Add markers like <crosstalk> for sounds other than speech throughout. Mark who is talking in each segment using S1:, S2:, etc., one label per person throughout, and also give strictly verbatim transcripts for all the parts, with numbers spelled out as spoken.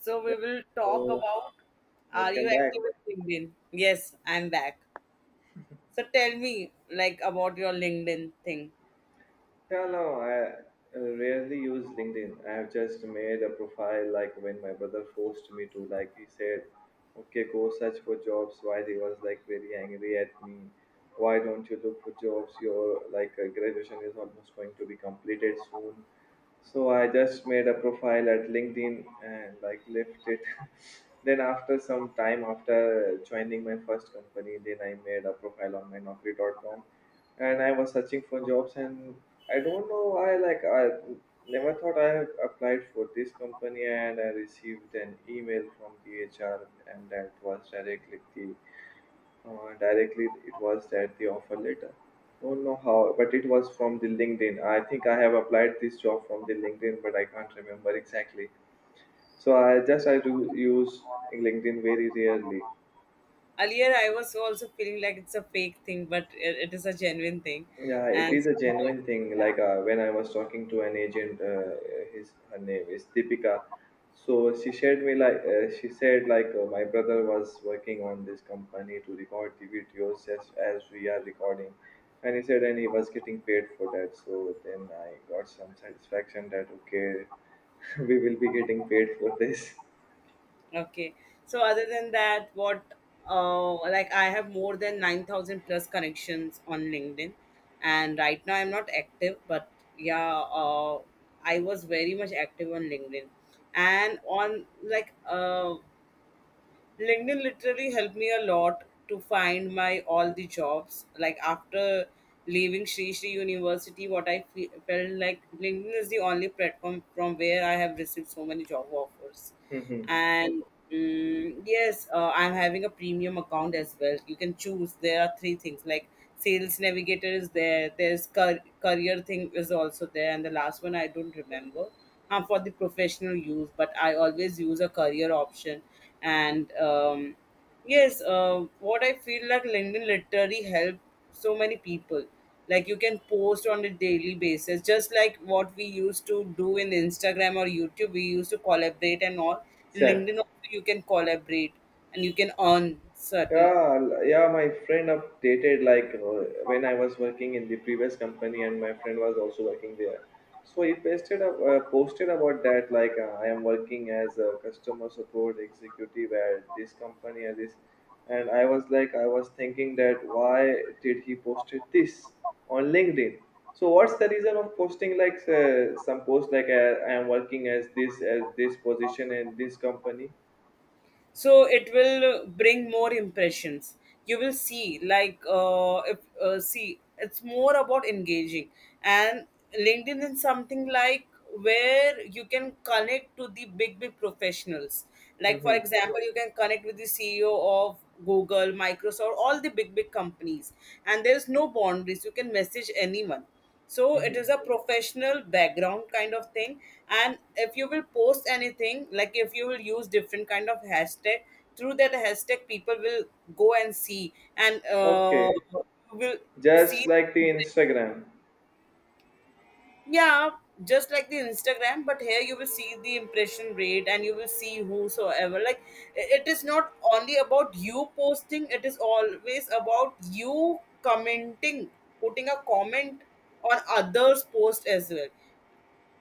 S1: So we will talk
S2: Oh,
S1: about. Are
S2: welcome
S1: you
S2: back.
S1: active with LinkedIn? Yes, I'm back. So tell me like about your LinkedIn thing.
S2: Yeah, no, I uh, rarely use LinkedIn. I have just made a profile like when my brother forced me to, like he said, okay, go search for jobs. Why he was like very angry at me. Why don't you look for jobs? Your like uh, graduation is almost going to be completed soon. So I just made a profile at LinkedIn and like left it. <laughs> Then after some time after joining my first company, then I made a profile on my naukri dot com. And I was searching for jobs, and I don't know why like I never thought I had applied for this company, and I received an email from the H R, and that was directly the uh, directly it was that the offer letter. Don't know how, but it was from the LinkedIn. I think I have applied this job from the LinkedIn, but I can't remember exactly. So I just I do use LinkedIn very rarely.
S1: Earlier I was also feeling like it's a fake thing, but it, it is a genuine thing.
S2: Yeah, it
S1: And
S2: is a
S1: somehow
S2: genuine thing. Like uh, when I was talking to an agent, uh, his her name is Deepika. So she shared me like uh, she said like uh, my brother was working on this company to record the videos as as we are recording, and he said and he was getting paid for that. So then I got some satisfaction that okay, <laughs> we will be getting paid for this.
S1: yeah. Okay. So other than that, what uh like I have more than nine thousand plus connections on LinkedIn, and right now I'm not active, but yeah, uh I was very much active on LinkedIn and on like uh LinkedIn literally helped me a lot to find my all the jobs. Like after leaving Sri Sri University, what I fe- felt like LinkedIn is the only platform from where I have received so many job offers.
S2: <laughs>
S1: And mm, yes, uh, I'm having a premium account as well. You can choose. There are three things like sales navigator is there. There's car- career thing is also there, and the last one I don't remember, um, for the professional use, but I always use a career option. And um, yes, uh, what I feel like, LinkedIn literally help so many people. Like you can post on a daily basis, just like what we used to do in Instagram or YouTube. We used to collaborate and all. In
S2: Sad.
S1: LinkedIn also you can collaborate and you can earn certain.
S2: Yeah, l- yeah, my friend updated like uh, when I was working in the previous company and my friend was also working there. So he posted up, uh, posted about that like uh, I am working as a customer support executive at this company at this, and I was like I was thinking that why did he posted this on LinkedIn? So what's the reason of posting like uh, some post like uh, I am working as this as this position in this company?
S1: So it will bring more impressions. You will see like, uh, if uh, see, it's more about engaging. And LinkedIn is something like where you can connect to the big big professionals. Like for
S2: Mm-hmm.
S1: example, you can connect with the CEO of Google, Microsoft, all the big big companies, and there's no boundaries, you can message anyone. So it
S2: Mm-hmm.
S1: is a professional background kind of thing. And if you will post anything, like if you will use different kind of hashtag, through that hashtag people will go and see, and uh,
S2: Okay.
S1: you will see.
S2: Just like the Instagram.
S1: Yeah, just like the Instagram, but here you will see the impression rate, and you will see whosoever like, i- it is not only about you posting, it is always about you commenting, putting a comment on others post as well.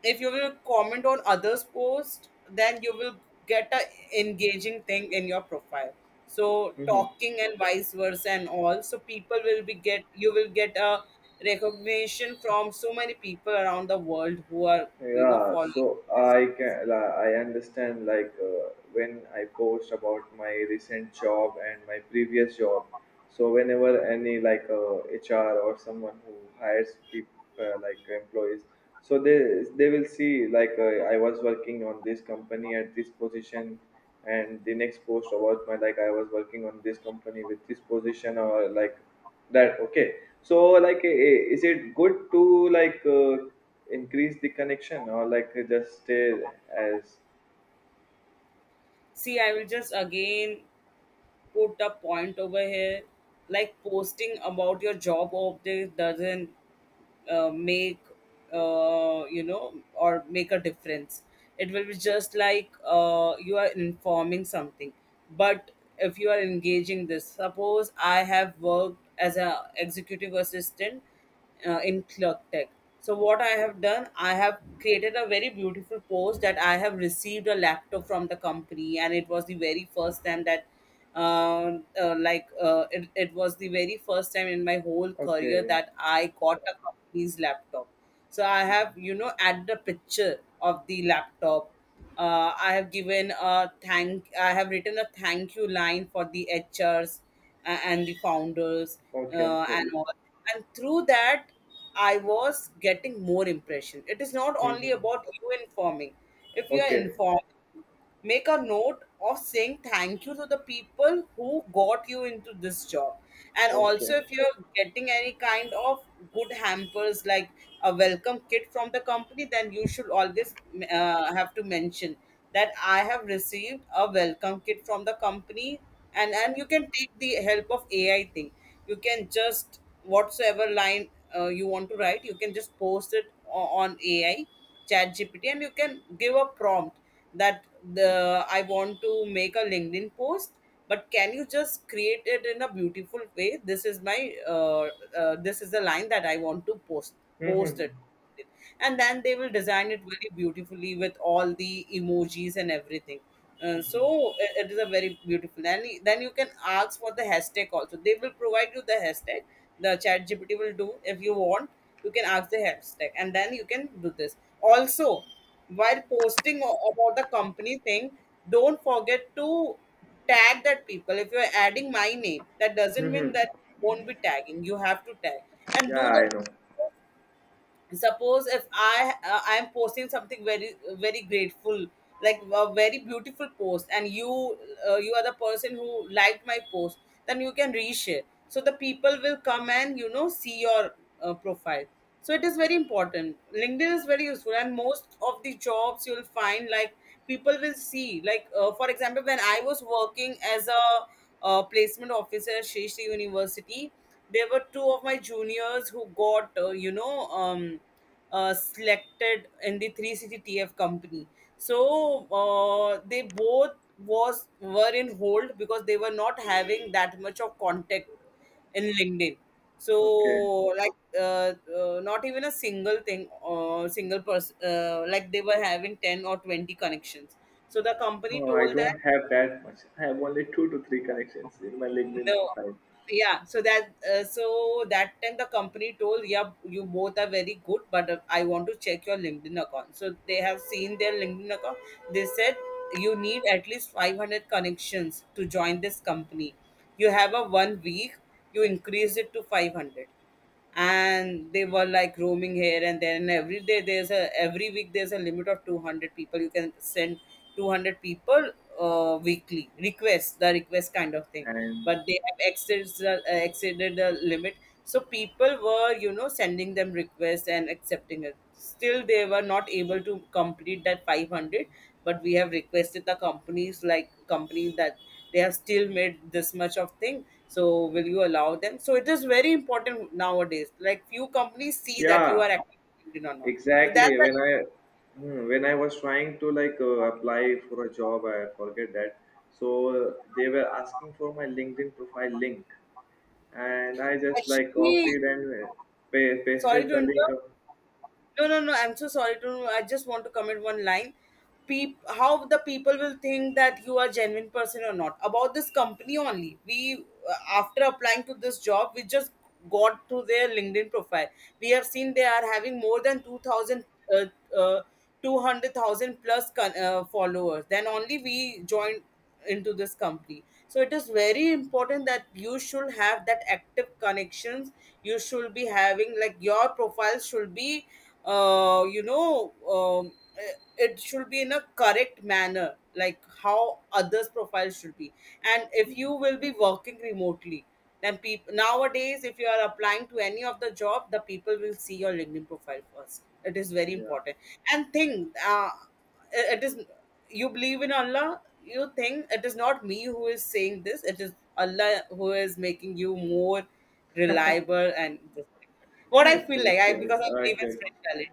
S1: If you will comment on others post, then you will get a engaging thing in your profile. So
S2: Mhm.
S1: talking and vice versa and all, so people will be get, you will get a recognition from so many people around the world who are, you know,
S2: Yeah,
S1: following.
S2: so I can li- I understand like uh, when I post about my recent job and my previous job. So whenever any like uh, H R or someone who hires people uh, like employees, so they they will see like uh, I was working on this company at this position, and the next post about my like I was working on this company with this position or like that. Okay, so like uh, is it good to like uh, increase the connection or like just stay as
S1: See, I will just again put a point over here. Like posting about your job update doesn't uh, make, uh, you know, or make a difference. It will be just like, uh, you are informing something. But if you are engaging, this suppose I have worked as an executive assistant uh, in Clerktech. So what I have done, I have created a very beautiful post that I have received a laptop from the company, and it was the very first time that, uh, uh, like, uh, it, it was the very first time in my whole career
S2: okay.
S1: that I got a company's laptop. So I
S2: Mhm.
S1: have, you know, added a picture of the laptop. Uh, I have given a thank. I have written a thank you line for the H Rs a- and the founders,
S2: Okay,
S1: uh,
S2: okay.
S1: and all. And through that, I was getting more impression. It is not only
S2: Mhm.
S1: about you informing. If you are
S2: Okay,
S1: informed, make a note of saying thank you to the people who got you into this job. And
S2: okay.
S1: also, if you're getting any kind of good hampers like a welcome kit from the company, then you should always uh, have to mention that I have received a welcome kit from the company. And and you can take the help of AI thing. You can just whatsoever line uh, you want to write, you can just post it o- on AI, chat GPT, and you can give a prompt that, the I want to make a LinkedIn post, but can you just create it in a beautiful way? This is my uh, uh, this is the line that I want to post, post
S2: Mhm.
S1: it, and then they will design it very beautifully with all the emojis and everything. Uh, so it it is a very beautiful, and then you can ask for the hashtag also, they will provide you the hashtag. The chat GPT will do. If you want, you can ask the hashtag, and then you can do this also. While posting o- about the company thing, don't forget to tag that people. If you're adding my name, that doesn't mean
S2: Mhm.
S1: that you won't be tagging, you have to tag and do
S2: Yeah, I
S1: that.
S2: know.
S1: Suppose if i uh, I am posting something very very grateful, like a very beautiful post, and you, uh, you are the person who liked my post, then you can reshare, so the people will come and, you know, see your uh, profile. So it is very important, LinkedIn is very useful, and most of the jobs you'll find like people will see like, uh, for example, when I was working as a uh, placement officer at Shri Shri University, there were two of my juniors who got, uh, you know um, uh, selected in the three sixty T F company. So uh, they both was were in hold because they were not having that much of contact in LinkedIn. So
S2: Okay.
S1: like, uh, uh, not even a single thing or single person, uh, like they were having ten or twenty connections. So the
S2: No,
S1: company
S2: I
S1: told that.
S2: don't have that much. I have only two to three connections in my LinkedIn
S1: No.
S2: profile.
S1: Yeah. So that uh, so that time the company told, yeah, you both are very good, but uh, I want to check your LinkedIn account. So they have seen their LinkedIn account. They said you need at least five hundred connections to join this company. You have a one week. You increase it to five hundred, and they were like roaming here and there, and every day there's a every week there's a limit of two hundred people you can send, two hundred people uh, weekly requests, the request kind of thing.
S2: And
S1: But they have exceeded the, uh, exceeded the limit. So people were, you know, sending them requests and accepting it, still they were not able to complete that five hundred. But we have requested the companies, like companies that they have still made this much of thing, so will you allow them. So it is very important nowadays, like few companies see that you are
S2: yeah,
S1: actually Indian or not. So that's
S2: exactly.
S1: like
S2: When i Hmm, when I was trying to like uh, apply for a job. I forget that. So uh, they were asking for my LinkedIn profile link, and I just like
S1: actually,
S2: copied and pa-
S1: sorry
S2: pasted
S1: to
S2: the link
S1: interrupt.
S2: of
S1: No, no, no. I'm so sorry to. I just want to comment one line. Peep, how the people will think that you are genuine person or not, about this company only. We, uh, after applying to this job, we just got to their LinkedIn profile. We have seen they are having more than two thousand, uh, uh, two hundred thousand plus con- uh, followers. Then only we joined into this company. So it is very important that you should have that active connections. You should be having like your profile should be uh you know um, eh, it should be in a correct manner, like how others profile should be. And if you will be working remotely, then people nowadays, if you are applying to any of the job, the people will see your LinkedIn profile first, it is very
S2: yeah.
S1: important. And thing, uh, it is, you believe in Allah, you think it is not me who is saying this, it is Allah who is making you more reliable and this thing.
S2: <laughs>
S1: What I
S2: Okay,
S1: feel like, I because I believe in
S2: okay.
S1: spirituality.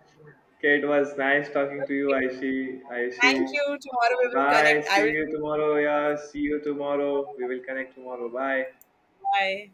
S2: Okay, it was nice talking to you,
S1: Okay.
S2: Aishi.
S1: Thank
S2: Aishi.
S1: you, tomorrow we will
S2: Bye.
S1: connect, I
S2: See
S1: will
S2: you
S1: talk
S2: tomorrow.
S1: something more.
S2: Yeah, see you tomorrow. We will connect tomorrow. Bye.
S1: Bye.